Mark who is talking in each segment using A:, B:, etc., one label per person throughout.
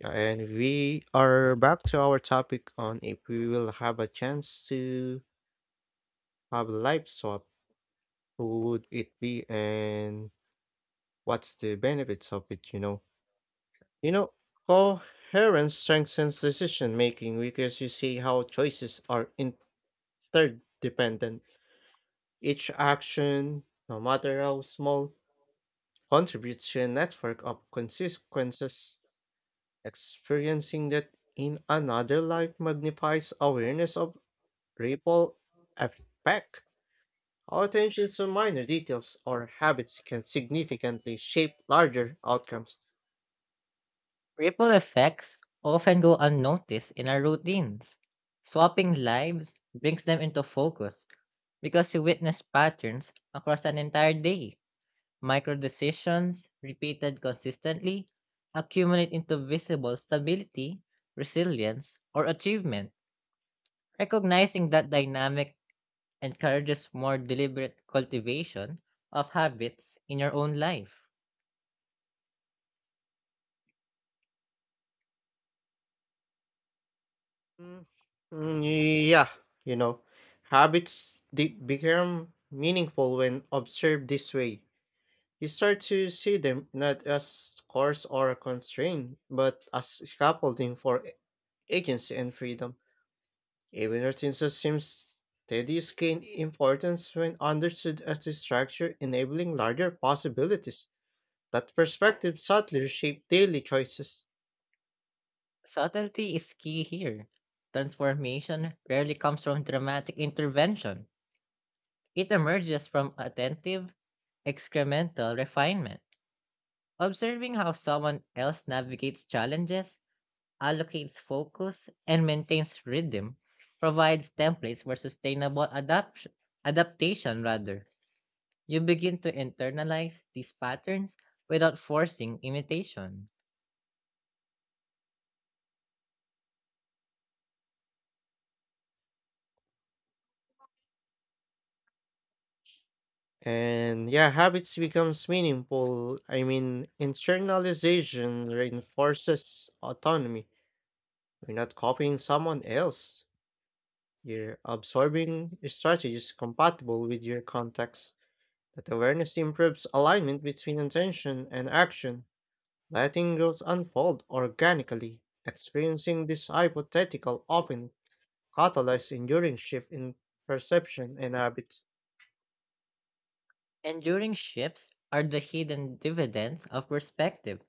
A: Yeah, and we are back to our topic on if we will have a chance to have a life swap, who would it be and what's the benefits of it, you know? You know, coherence strengthens decision making because you see how choices are interdependent. Each action, no matter how small, contributes to a network of consequences. Experiencing that in another life magnifies awareness of ripple effect. Our attention to minor details or habits can significantly shape larger outcomes.
B: Ripple effects often go unnoticed in our routines. Swapping lives brings them into focus because you witness patterns across an entire day. Micro decisions, repeated consistently, accumulate into visible stability, resilience, or achievement. Recognizing that dynamic encourages more deliberate cultivation of habits in your own life.
A: Mm, mm, yeah, you know, habits become meaningful when observed this way. You start to see them not as course or a constraint, but as scaffolding for agency and freedom. Even routines assume steadies gain importance when understood as a structure enabling larger possibilities. That perspective subtly reshape daily choices.
B: Subtlety is key here. Transformation rarely comes from dramatic intervention. It emerges from attentive, excremental refinement. Observing how someone else navigates challenges, allocates focus, and maintains rhythm provides templates for sustainable adaptation rather. You begin to internalize these patterns without forcing imitation.
A: And yeah, habits becomes meaningful. I mean, internalization reinforces autonomy. You're not copying someone else. You're absorbing strategies compatible with your context. That awareness improves alignment between intention and action. Letting growth unfold organically, experiencing this hypothetical opening catalyzes enduring shift in perception and habits.
B: Enduring shifts are the hidden dividends of perspective.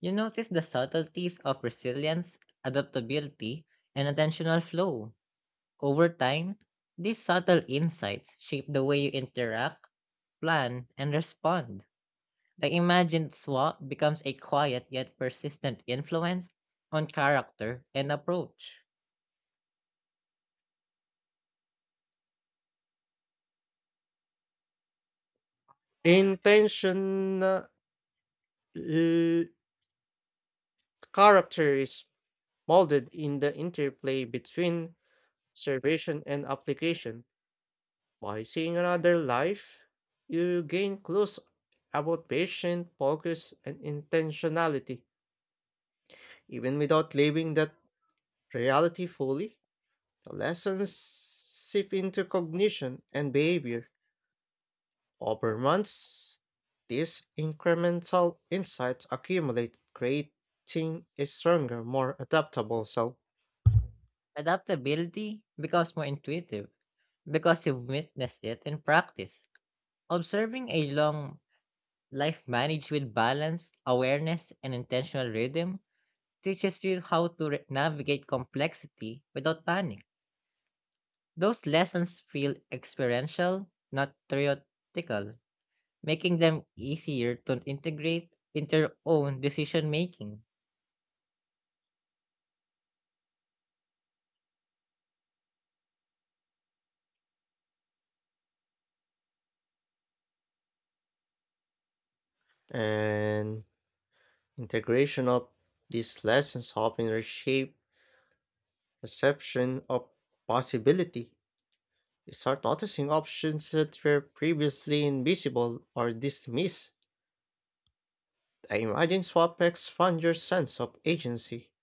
B: You notice the subtleties of resilience, adaptability, and attentional flow. Over time, these subtle insights shape the way you interact, plan, and respond. The imagined swap becomes a quiet yet persistent influence on character and approach.
A: Intention uh, l- Character is molded in the interplay between observation and application. By seeing another life, you gain clues about patient focus and intentionality. Even without living that reality fully, the lessons seep into cognition and behavior. Over months, these incremental insights accumulate, creating a stronger, more adaptable self.
B: Adaptability becomes more intuitive because you've witnessed it in practice. Observing a long life managed with balance, awareness, and intentional rhythm teaches you how to navigate complexity without panic. Those lessons feel experiential, not theoretical, making them easier to integrate into your own decision making.
A: And integration of these lessons often reshape perception of possibility. You start noticing options that were previously invisible or dismissed. The imagine swap expands your sense of agency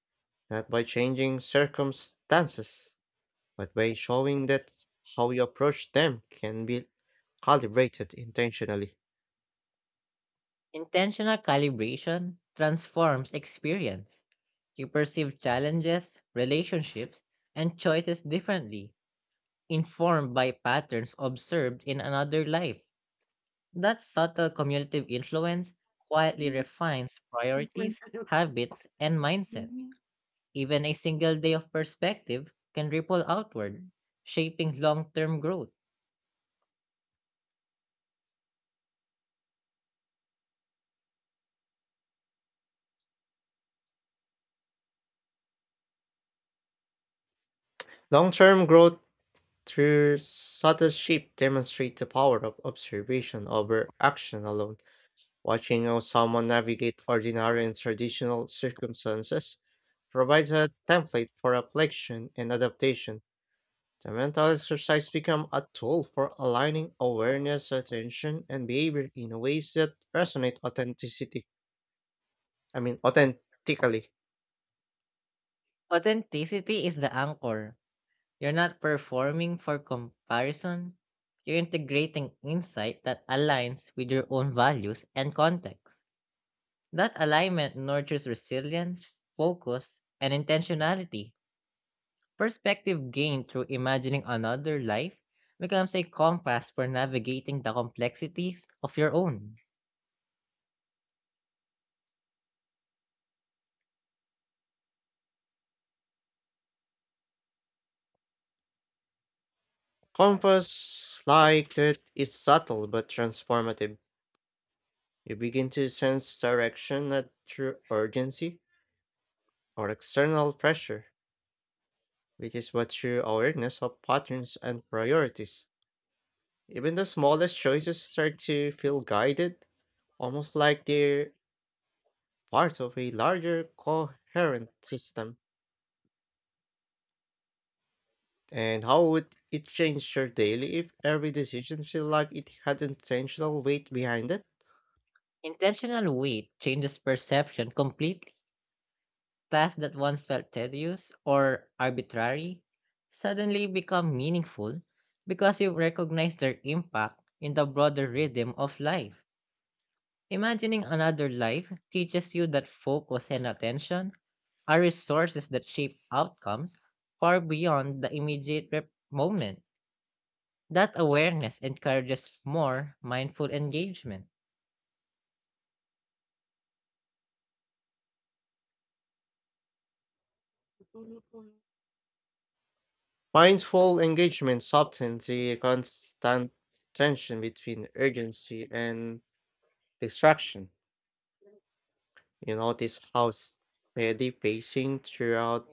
A: not by changing circumstances, but by showing that how you approach them can be calibrated intentionally.
B: Intentional calibration transforms experience. You perceive challenges, relationships, and choices differently, informed by patterns observed in another life. That subtle cumulative influence quietly refines priorities, habits, and mindset. Even a single day of perspective can ripple outward, shaping long term growth.
A: Long term growth through subtle shift demonstrate the power of observation over action alone. Watching how someone navigate ordinary and traditional circumstances provides a template for reflection and adaptation. The mental exercise become a tool for aligning awareness, attention, and behavior in ways that resonate authenticity. I mean, authentically.
B: Authenticity is the anchor. You're not performing for comparison, you're integrating insight that aligns with your own values and context. That alignment nurtures resilience, focus, and intentionality. Perspective gained through imagining another life becomes a compass for navigating the complexities of your own.
A: Compass like that is subtle but transformative. You begin to sense direction not through urgency or external pressure, which is but through awareness of patterns and priorities. Even the smallest choices start to feel guided, almost like they're part of a larger coherent system. And how would it change your daily if every decision felt like it had intentional weight behind it?
B: Intentional weight changes perception completely. Tasks that once felt tedious or arbitrary suddenly become meaningful because you recognize their impact in the broader rhythm of life. Imagining another life teaches you that focus and attention are resources that shape outcomes far beyond the immediate moment. That awareness encourages more mindful engagement.
A: Mindful engagement softens the constant tension between urgency and distraction. You notice how steady pacing throughout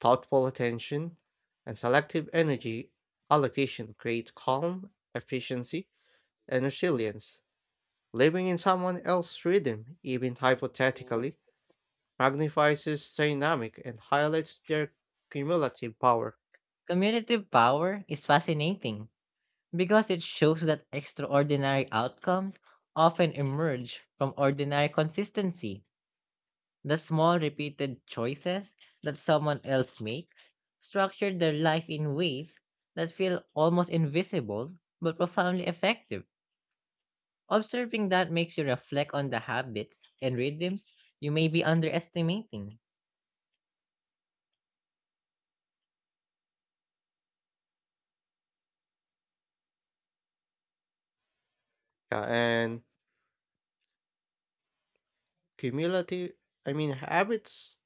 A: thoughtful attention and selective energy allocation create calm, efficiency, and resilience. Living in someone else's rhythm, even hypothetically, magnifies its dynamic and highlights their cumulative power.
B: Commutative power is fascinating because it shows that extraordinary outcomes often emerge from ordinary consistency. The small repeated choices that someone else makes structure their life in ways that feel almost invisible but profoundly effective. Observing that makes you reflect on the habits and rhythms you may be underestimating.
A: Yeah, and cumulative, I mean, habits,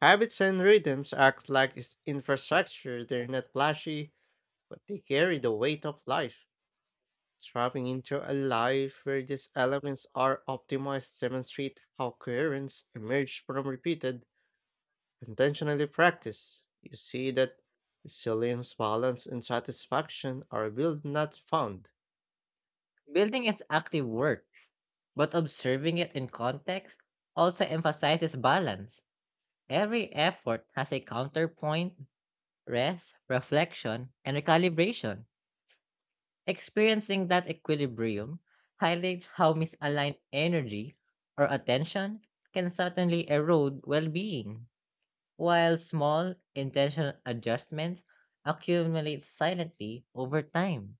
A: habits and rhythms act like its infrastructure. They're not flashy, but they carry the weight of life. Trapping into a life where these elements are optimized demonstrate how coherence emerges from repeated intentionally practiced, you see that resilience, balance, and satisfaction are built, not found.
B: Building is active work, but observing it in context also emphasizes balance. Every effort has a counterpoint, rest, reflection, and recalibration. Experiencing that equilibrium highlights how misaligned energy or attention can suddenly erode well being, while small, intentional adjustments accumulate silently over time.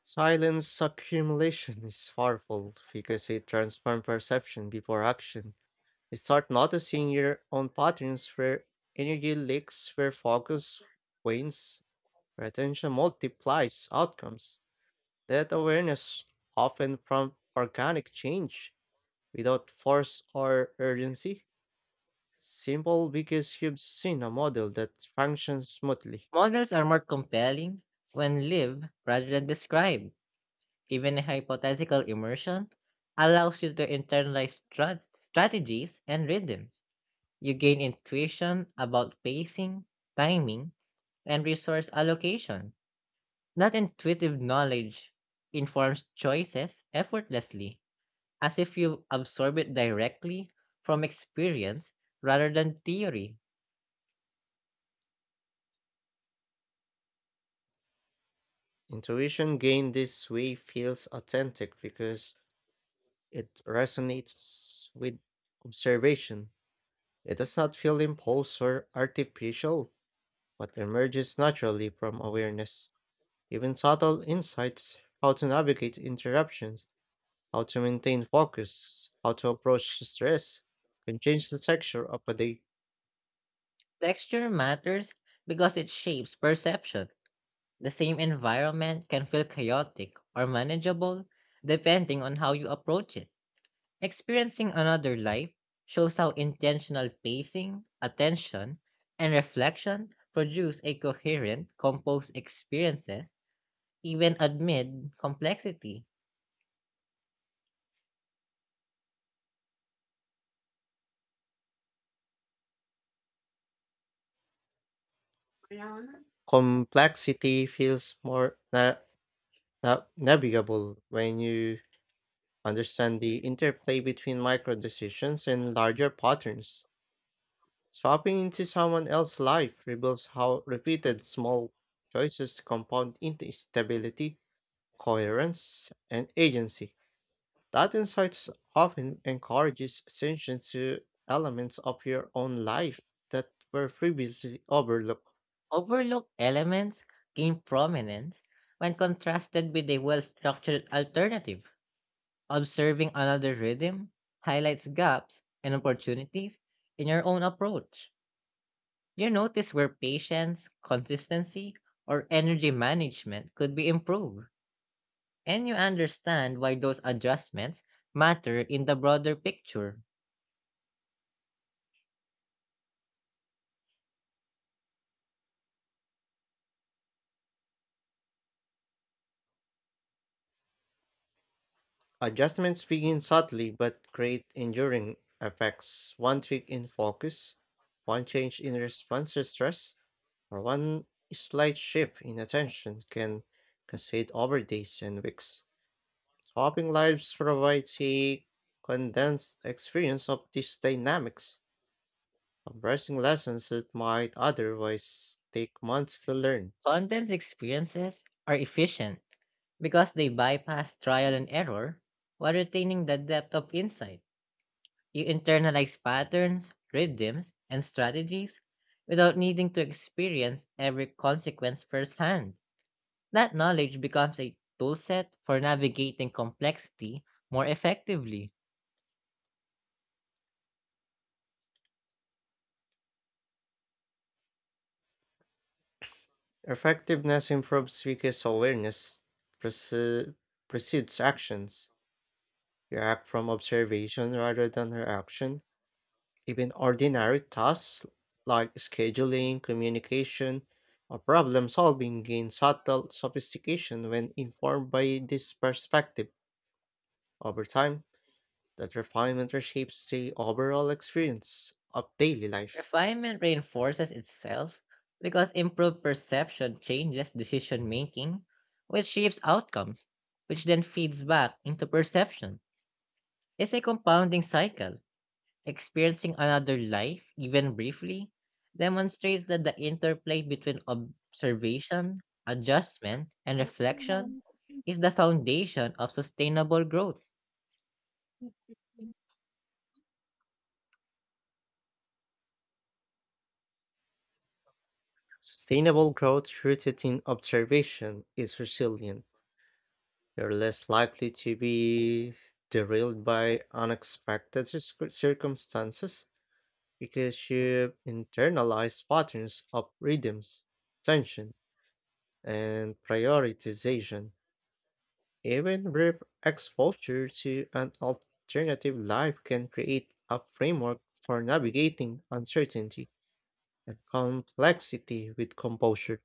A: Silence accumulation is powerful because it transforms perception before action. You start noticing your own patterns where energy leaks, where focus wanes, where attention multiplies outcomes. That awareness often prompts organic change without force or urgency. Simple because you've seen a model that functions smoothly.
B: Models are more compelling when lived rather than described. Even a hypothetical immersion allows you to internalize strategies and rhythms. You gain intuition about pacing, timing, and resource allocation. That intuitive knowledge informs choices effortlessly, as if you absorb it directly from experience rather than theory.
A: Intuition gained this way feels authentic because it resonates with observation. It does not feel imposed or artificial, but emerges naturally from awareness. Even subtle insights, how to navigate interruptions, how to maintain focus, how to approach stress, can change the texture of a day.
B: Texture matters because it shapes perception. The same environment can feel chaotic or manageable depending on how you approach it. Experiencing another life shows how intentional pacing, attention, and reflection produce a coherent, composed experiences even amid complexity,
A: Complexity feels more navigable when you understand the interplay between micro decisions and larger patterns. Swapping into someone else's life reveals how repeated small choices compound into stability, coherence, and agency. That insight often encourages attention to elements of your own life that were previously overlooked.
B: overlooked elements gain prominence when contrasted with a well structured alternative. Observing another rhythm highlights gaps and opportunities in your own approach. You notice where patience, consistency, or energy management could be improved, and you understand why those adjustments matter in the broader picture.
A: Adjustments begin subtly but create enduring effects. One tweak in focus, one change in response to stress, or one slight shift in attention can cascade over days and weeks. Swapping lives provides a condensed experience of these dynamics, compressing lessons that might otherwise take months to learn.
B: Content's experiences are efficient because they bypass trial and error while retaining the depth of insight. You internalize patterns, rhythms, and strategies without needing to experience every consequence firsthand. That knowledge becomes a toolset for navigating complexity more effectively.
A: Effectiveness improves because awareness prece- precedes actions. React from observation rather than her action. Even ordinary tasks like scheduling, communication, or problem solving gain subtle sophistication when informed by this perspective over time. That refinement reshapes the overall experience of daily life.
B: Refinement reinforces itself because improved perception changes decision making, which shapes outcomes, which then feeds back into perception. It's a compounding cycle. Experiencing another life, even briefly, demonstrates that the interplay between observation, adjustment, and reflection is the foundation of sustainable growth.
A: Sustainable growth rooted in observation is resilient. You're less likely to be derailed by unexpected circumstances because you've internalized patterns of rhythms, tension, and prioritization. Even brief exposure to an alternative life can create a framework for navigating uncertainty and complexity with composure.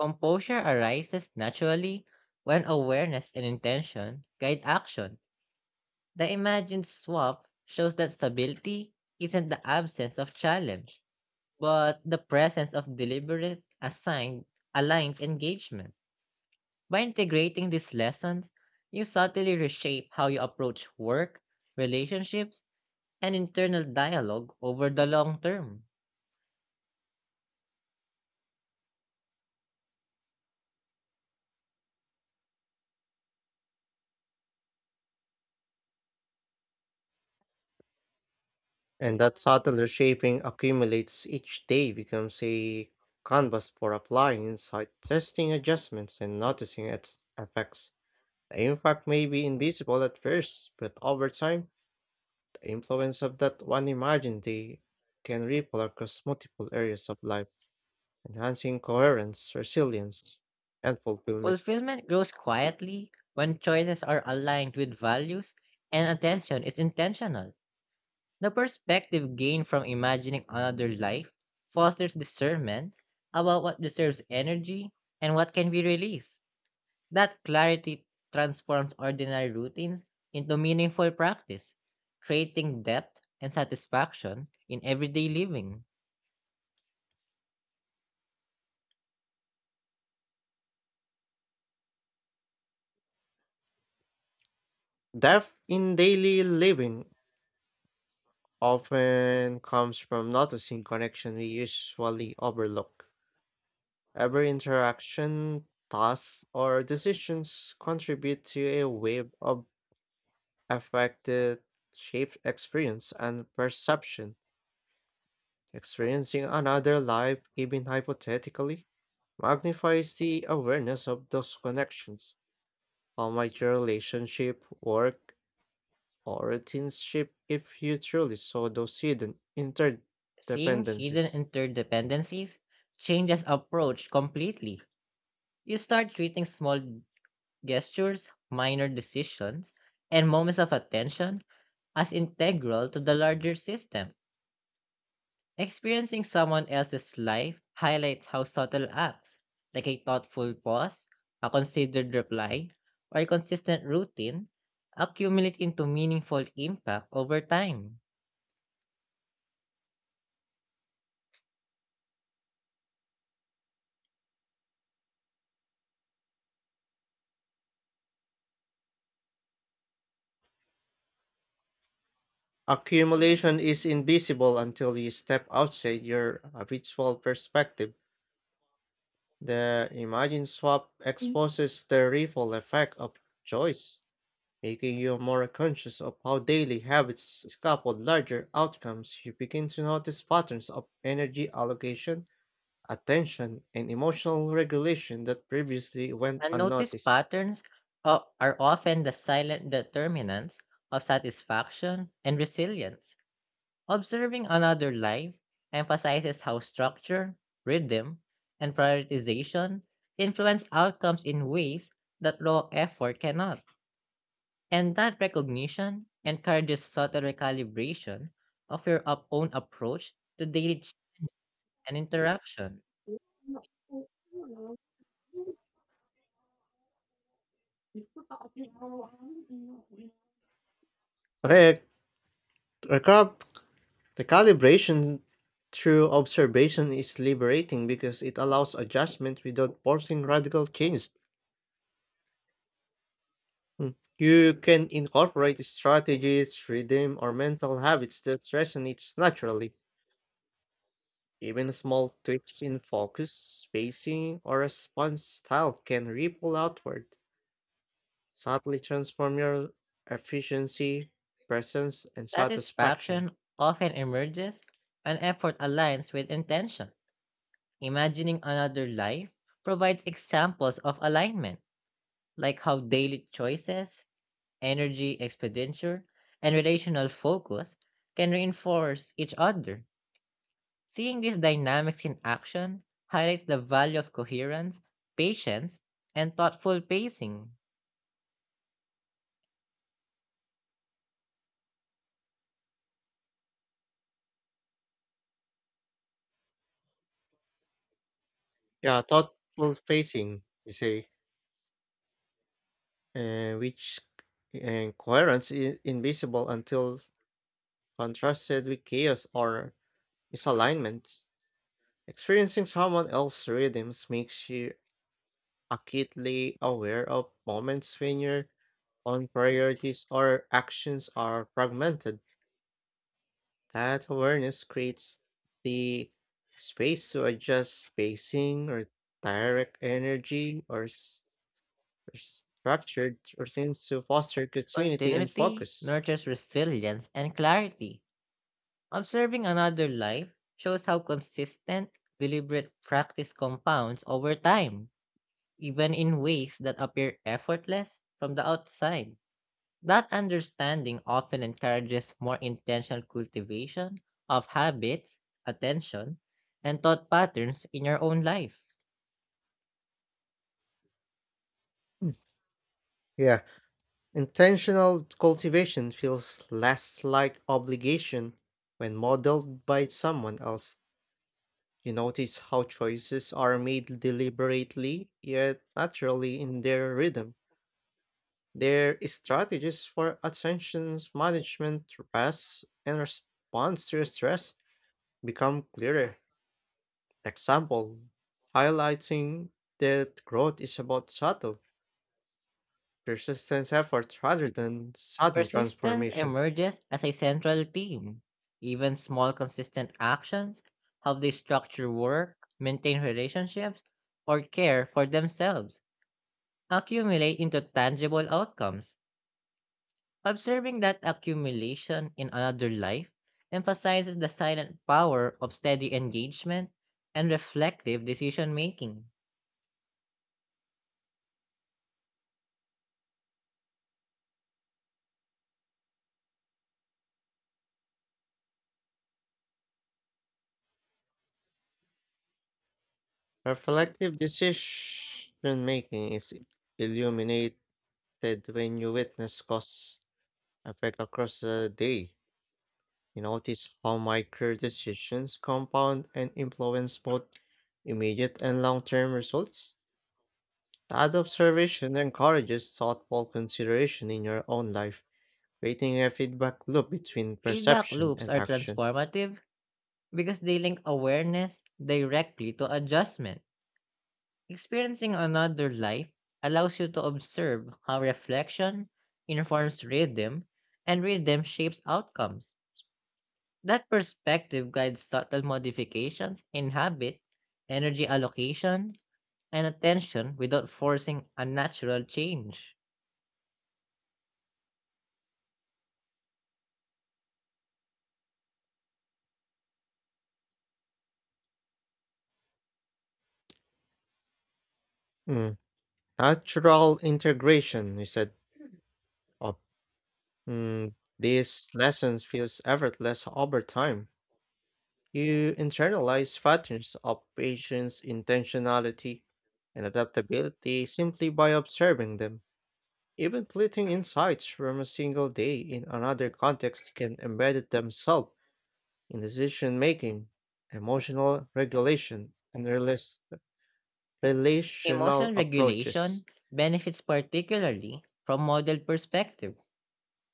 B: Composure arises naturally when awareness and intention guide action. The imagined swap shows that stability isn't the absence of challenge, but the presence of deliberate, assigned, aligned engagement. By integrating these lessons, you subtly reshape how you approach work, relationships, and internal dialogue over the long term.
A: And that subtle reshaping accumulates each day becomes a canvas for applying insight, testing adjustments, and noticing its effects. The impact may be invisible at first, but over time, the influence of that one imagined day can ripple across multiple areas of life, enhancing coherence, resilience, and fulfillment.
B: Fulfillment grows quietly when choices are aligned with values and attention is intentional. The perspective gained from imagining another life fosters discernment about what deserves energy and what can be released. That clarity transforms ordinary routines into meaningful practice, creating depth and satisfaction in everyday living.
A: Depth in daily living often comes from noticing connection we usually overlook. Every interaction, task, or decisions contribute to a wave of affect that shapes experience and perception. Experiencing another life, even hypothetically, magnifies the awareness of those connections. How might your relationship, work, or kinship if you truly saw those hidden
B: Seeing hidden
A: interdependencies?
B: interdependencies changes approach completely. You start treating small gestures, minor decisions, and moments of attention as integral to the larger system. Experiencing someone else's life highlights how subtle acts, like a thoughtful pause, a considered reply, or a consistent routine, accumulate into meaningful impact over time.
A: Accumulation is invisible until you step outside your habitual perspective. The imagine swap exposes the ripple effect of choice, making you more conscious of how daily habits scaffold larger outcomes. You begin to notice patterns of energy allocation, attention, and emotional regulation that previously went
B: Unnoticed
A: unnoticed.
B: patterns are often the silent determinants of satisfaction and resilience. Observing another life emphasizes how structure, rhythm, and prioritization influence outcomes in ways that raw effort cannot. And that recognition encourages subtle recalibration of your own approach to daily and interaction.
A: Correct. Recap. The calibration through observation is liberating because it allows adjustment without forcing radical change. Mm. You can incorporate strategies, rhythm, or mental habits that resonates naturally. Even small tweaks in focus, spacing, or response style can ripple outward, subtly transform your efficiency, presence, and satisfaction.
B: Satisfaction often emerges when effort aligns with intention. Imagining another life provides examples of alignment, like how daily choices, energy expenditure, and relational focus can reinforce each other. Seeing these dynamics in action highlights the value of coherence, patience, and thoughtful pacing.
A: Yeah, thoughtful facing, you say. and which and coherence is invisible until contrasted with chaos or misalignments. Experiencing someone else's rhythms makes you acutely aware of moments when your own priorities or actions are fragmented. That awareness creates the space to adjust spacing or direct energy or structured routines to foster continuity and
B: Continuity
A: focus.
B: nurtures resilience and clarity. Observing another life shows how consistent, deliberate practice compounds over time, even in ways that appear effortless from the outside. That understanding often encourages more intentional cultivation of habits, attention, and thought patterns in your own life.
A: Yeah, intentional cultivation feels less like obligation when modeled by someone else. You notice how choices are made deliberately yet naturally in their rhythm. Their strategies for attention management, rest, and response to stress become clearer. Example highlighting that growth is about subtle, persistent effort rather than sudden
B: Persistence
A: transformation.
B: emerges as a central theme. Even small, consistent actions, how they structure work, maintain relationships, or care for themselves, accumulate into tangible outcomes. Observing that accumulation in another life emphasizes the silent power of steady engagement and reflective decision making.
A: Reflective decision making is illuminated when you witness cause effect across a day. You notice how micro decisions compound and influence both immediate and long term results. That observation encourages thoughtful consideration in your own life, creating a feedback loop between
B: Feedback
A: perception
B: loops
A: and
B: are
A: action.
B: transformative because they link awareness directly to adjustment. Experiencing another life allows you to observe how reflection informs rhythm and rhythm shapes outcomes. That perspective guides subtle modifications in habit, energy allocation, and attention without forcing unnatural change.
A: Mm. Natural integration is an Mm, these lessons feels effortless over time. You internalize patterns of patience, intentionality, and adaptability simply by observing them. Even fleeting insights from a single day in another context can embed themselves in decision making, emotional regulation, and relational
B: Emotional
A: approaches.
B: regulation benefits particularly from model perspective.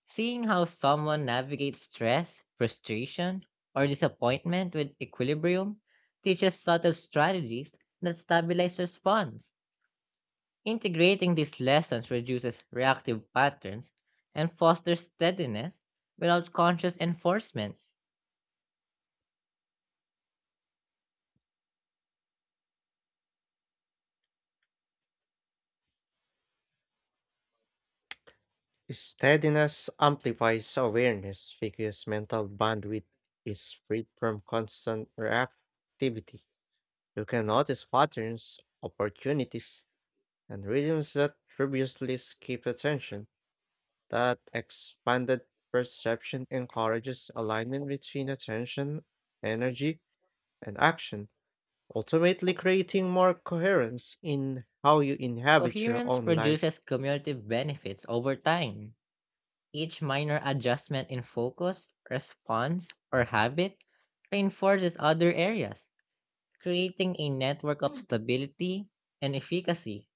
B: Seeing how someone navigates stress, frustration, or disappointment with equilibrium teaches subtle strategies that stabilize response. Integrating these lessons reduces reactive patterns and fosters steadiness without conscious enforcement.
A: Steadiness amplifies awareness because mental bandwidth is freed from constant reactivity. You can notice patterns, opportunities, and rhythms that previously escaped attention. That expanded perception encourages alignment between attention, energy, and action, ultimately creating more coherence in how you inhabit your
B: Coherence
A: own life.
B: produces cumulative benefits over time. Each minor adjustment in focus, response, or habit reinforces other areas, creating a network of stability and efficacy.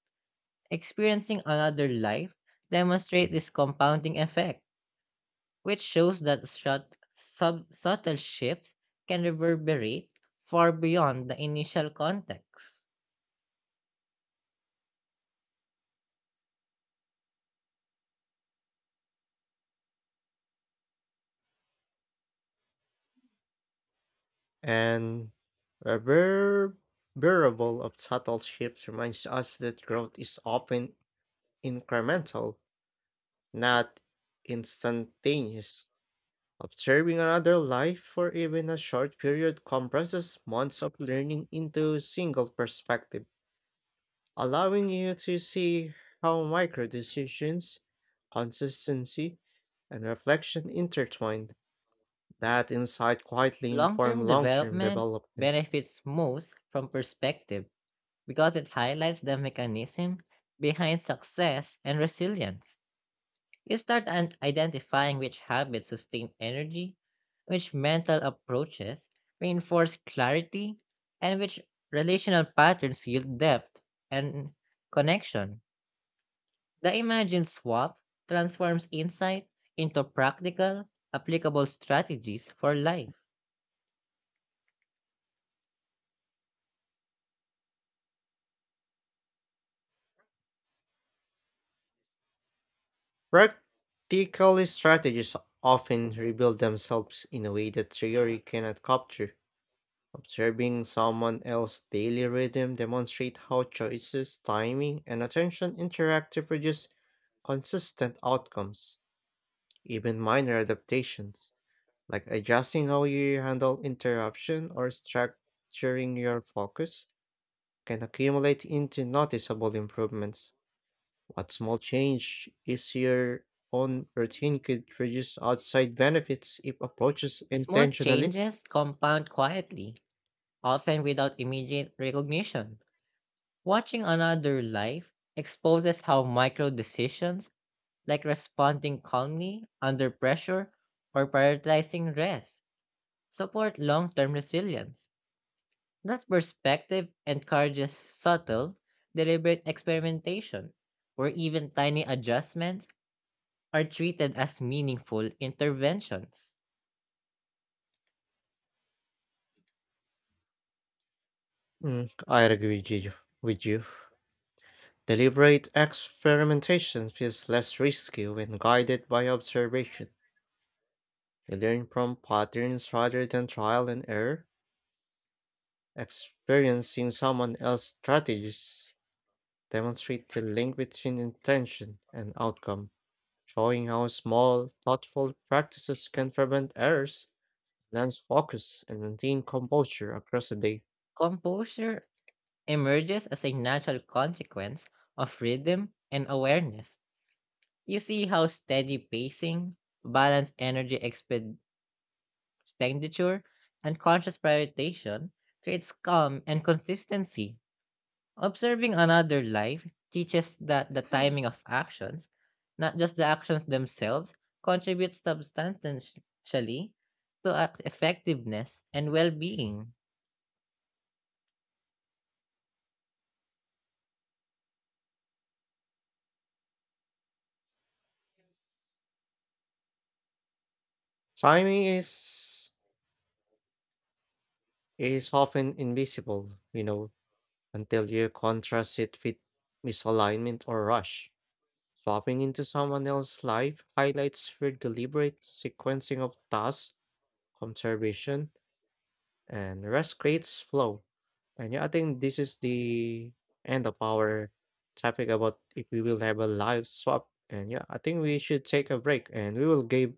B: Experiencing another life demonstrate this compounding effect, which shows that subtle shifts can reverberate far beyond the initial context.
A: And reverberable of subtle shifts reminds us that growth is often incremental, not instantaneous. Observing another life for even a short period compresses months of learning into a single perspective, allowing you to see how micro decisions, consistency, and reflection intertwine. That insight quietly inform
B: Long-term
A: long-term
B: development
A: development.
B: benefits most from perspective because it highlights the mechanism behind success and resilience. You start an identifying which habits sustain energy, which mental approaches reinforce clarity, and which relational patterns yield depth and connection. The imagined swap transforms insight into practical, applicable strategies for life.
A: Practical strategies often reveal themselves in a way that theory cannot capture. Observing someone else's daily rhythm demonstrates how choices, timing, and attention interact to produce consistent outcomes. Even minor adaptations, like adjusting how you handle interruption or structuring your focus, can accumulate into noticeable improvements. But small change is here on routine could produce outside benefits if approaches
B: Small
A: intentionally.
B: changes compound quietly, often without immediate recognition. Watching another life exposes how micro decisions like responding calmly under pressure or prioritizing rest, support long term resilience. That perspective encourages subtle, deliberate experimentation, where even tiny adjustments are treated as meaningful interventions.
A: Mm, I agree with you. With you. Deliberate experimentation feels less risky when guided by observation. You learn from patterns rather than trial and error. Experiencing someone else's strategies demonstrate the link between intention and outcome, showing how small, thoughtful practices can prevent errors enhance focus and maintain composure across the day.
B: Composure emerges as a natural consequence of rhythm and awareness. You see how steady pacing, balanced energy expenditure and conscious prioritization creates calm and consistency. Observing another life teaches that the timing of actions, not just the actions themselves, contributes substantially to effectiveness and well being.
A: Timing is often invisible, until you contrast it with misalignment or rush. Swapping into someone else's life highlights for deliberate sequencing of tasks, conservation, and rest creates flow. And yeah, I think this is the end of our topic about if we will have a live swap. And yeah, I think we should take a break and we will give,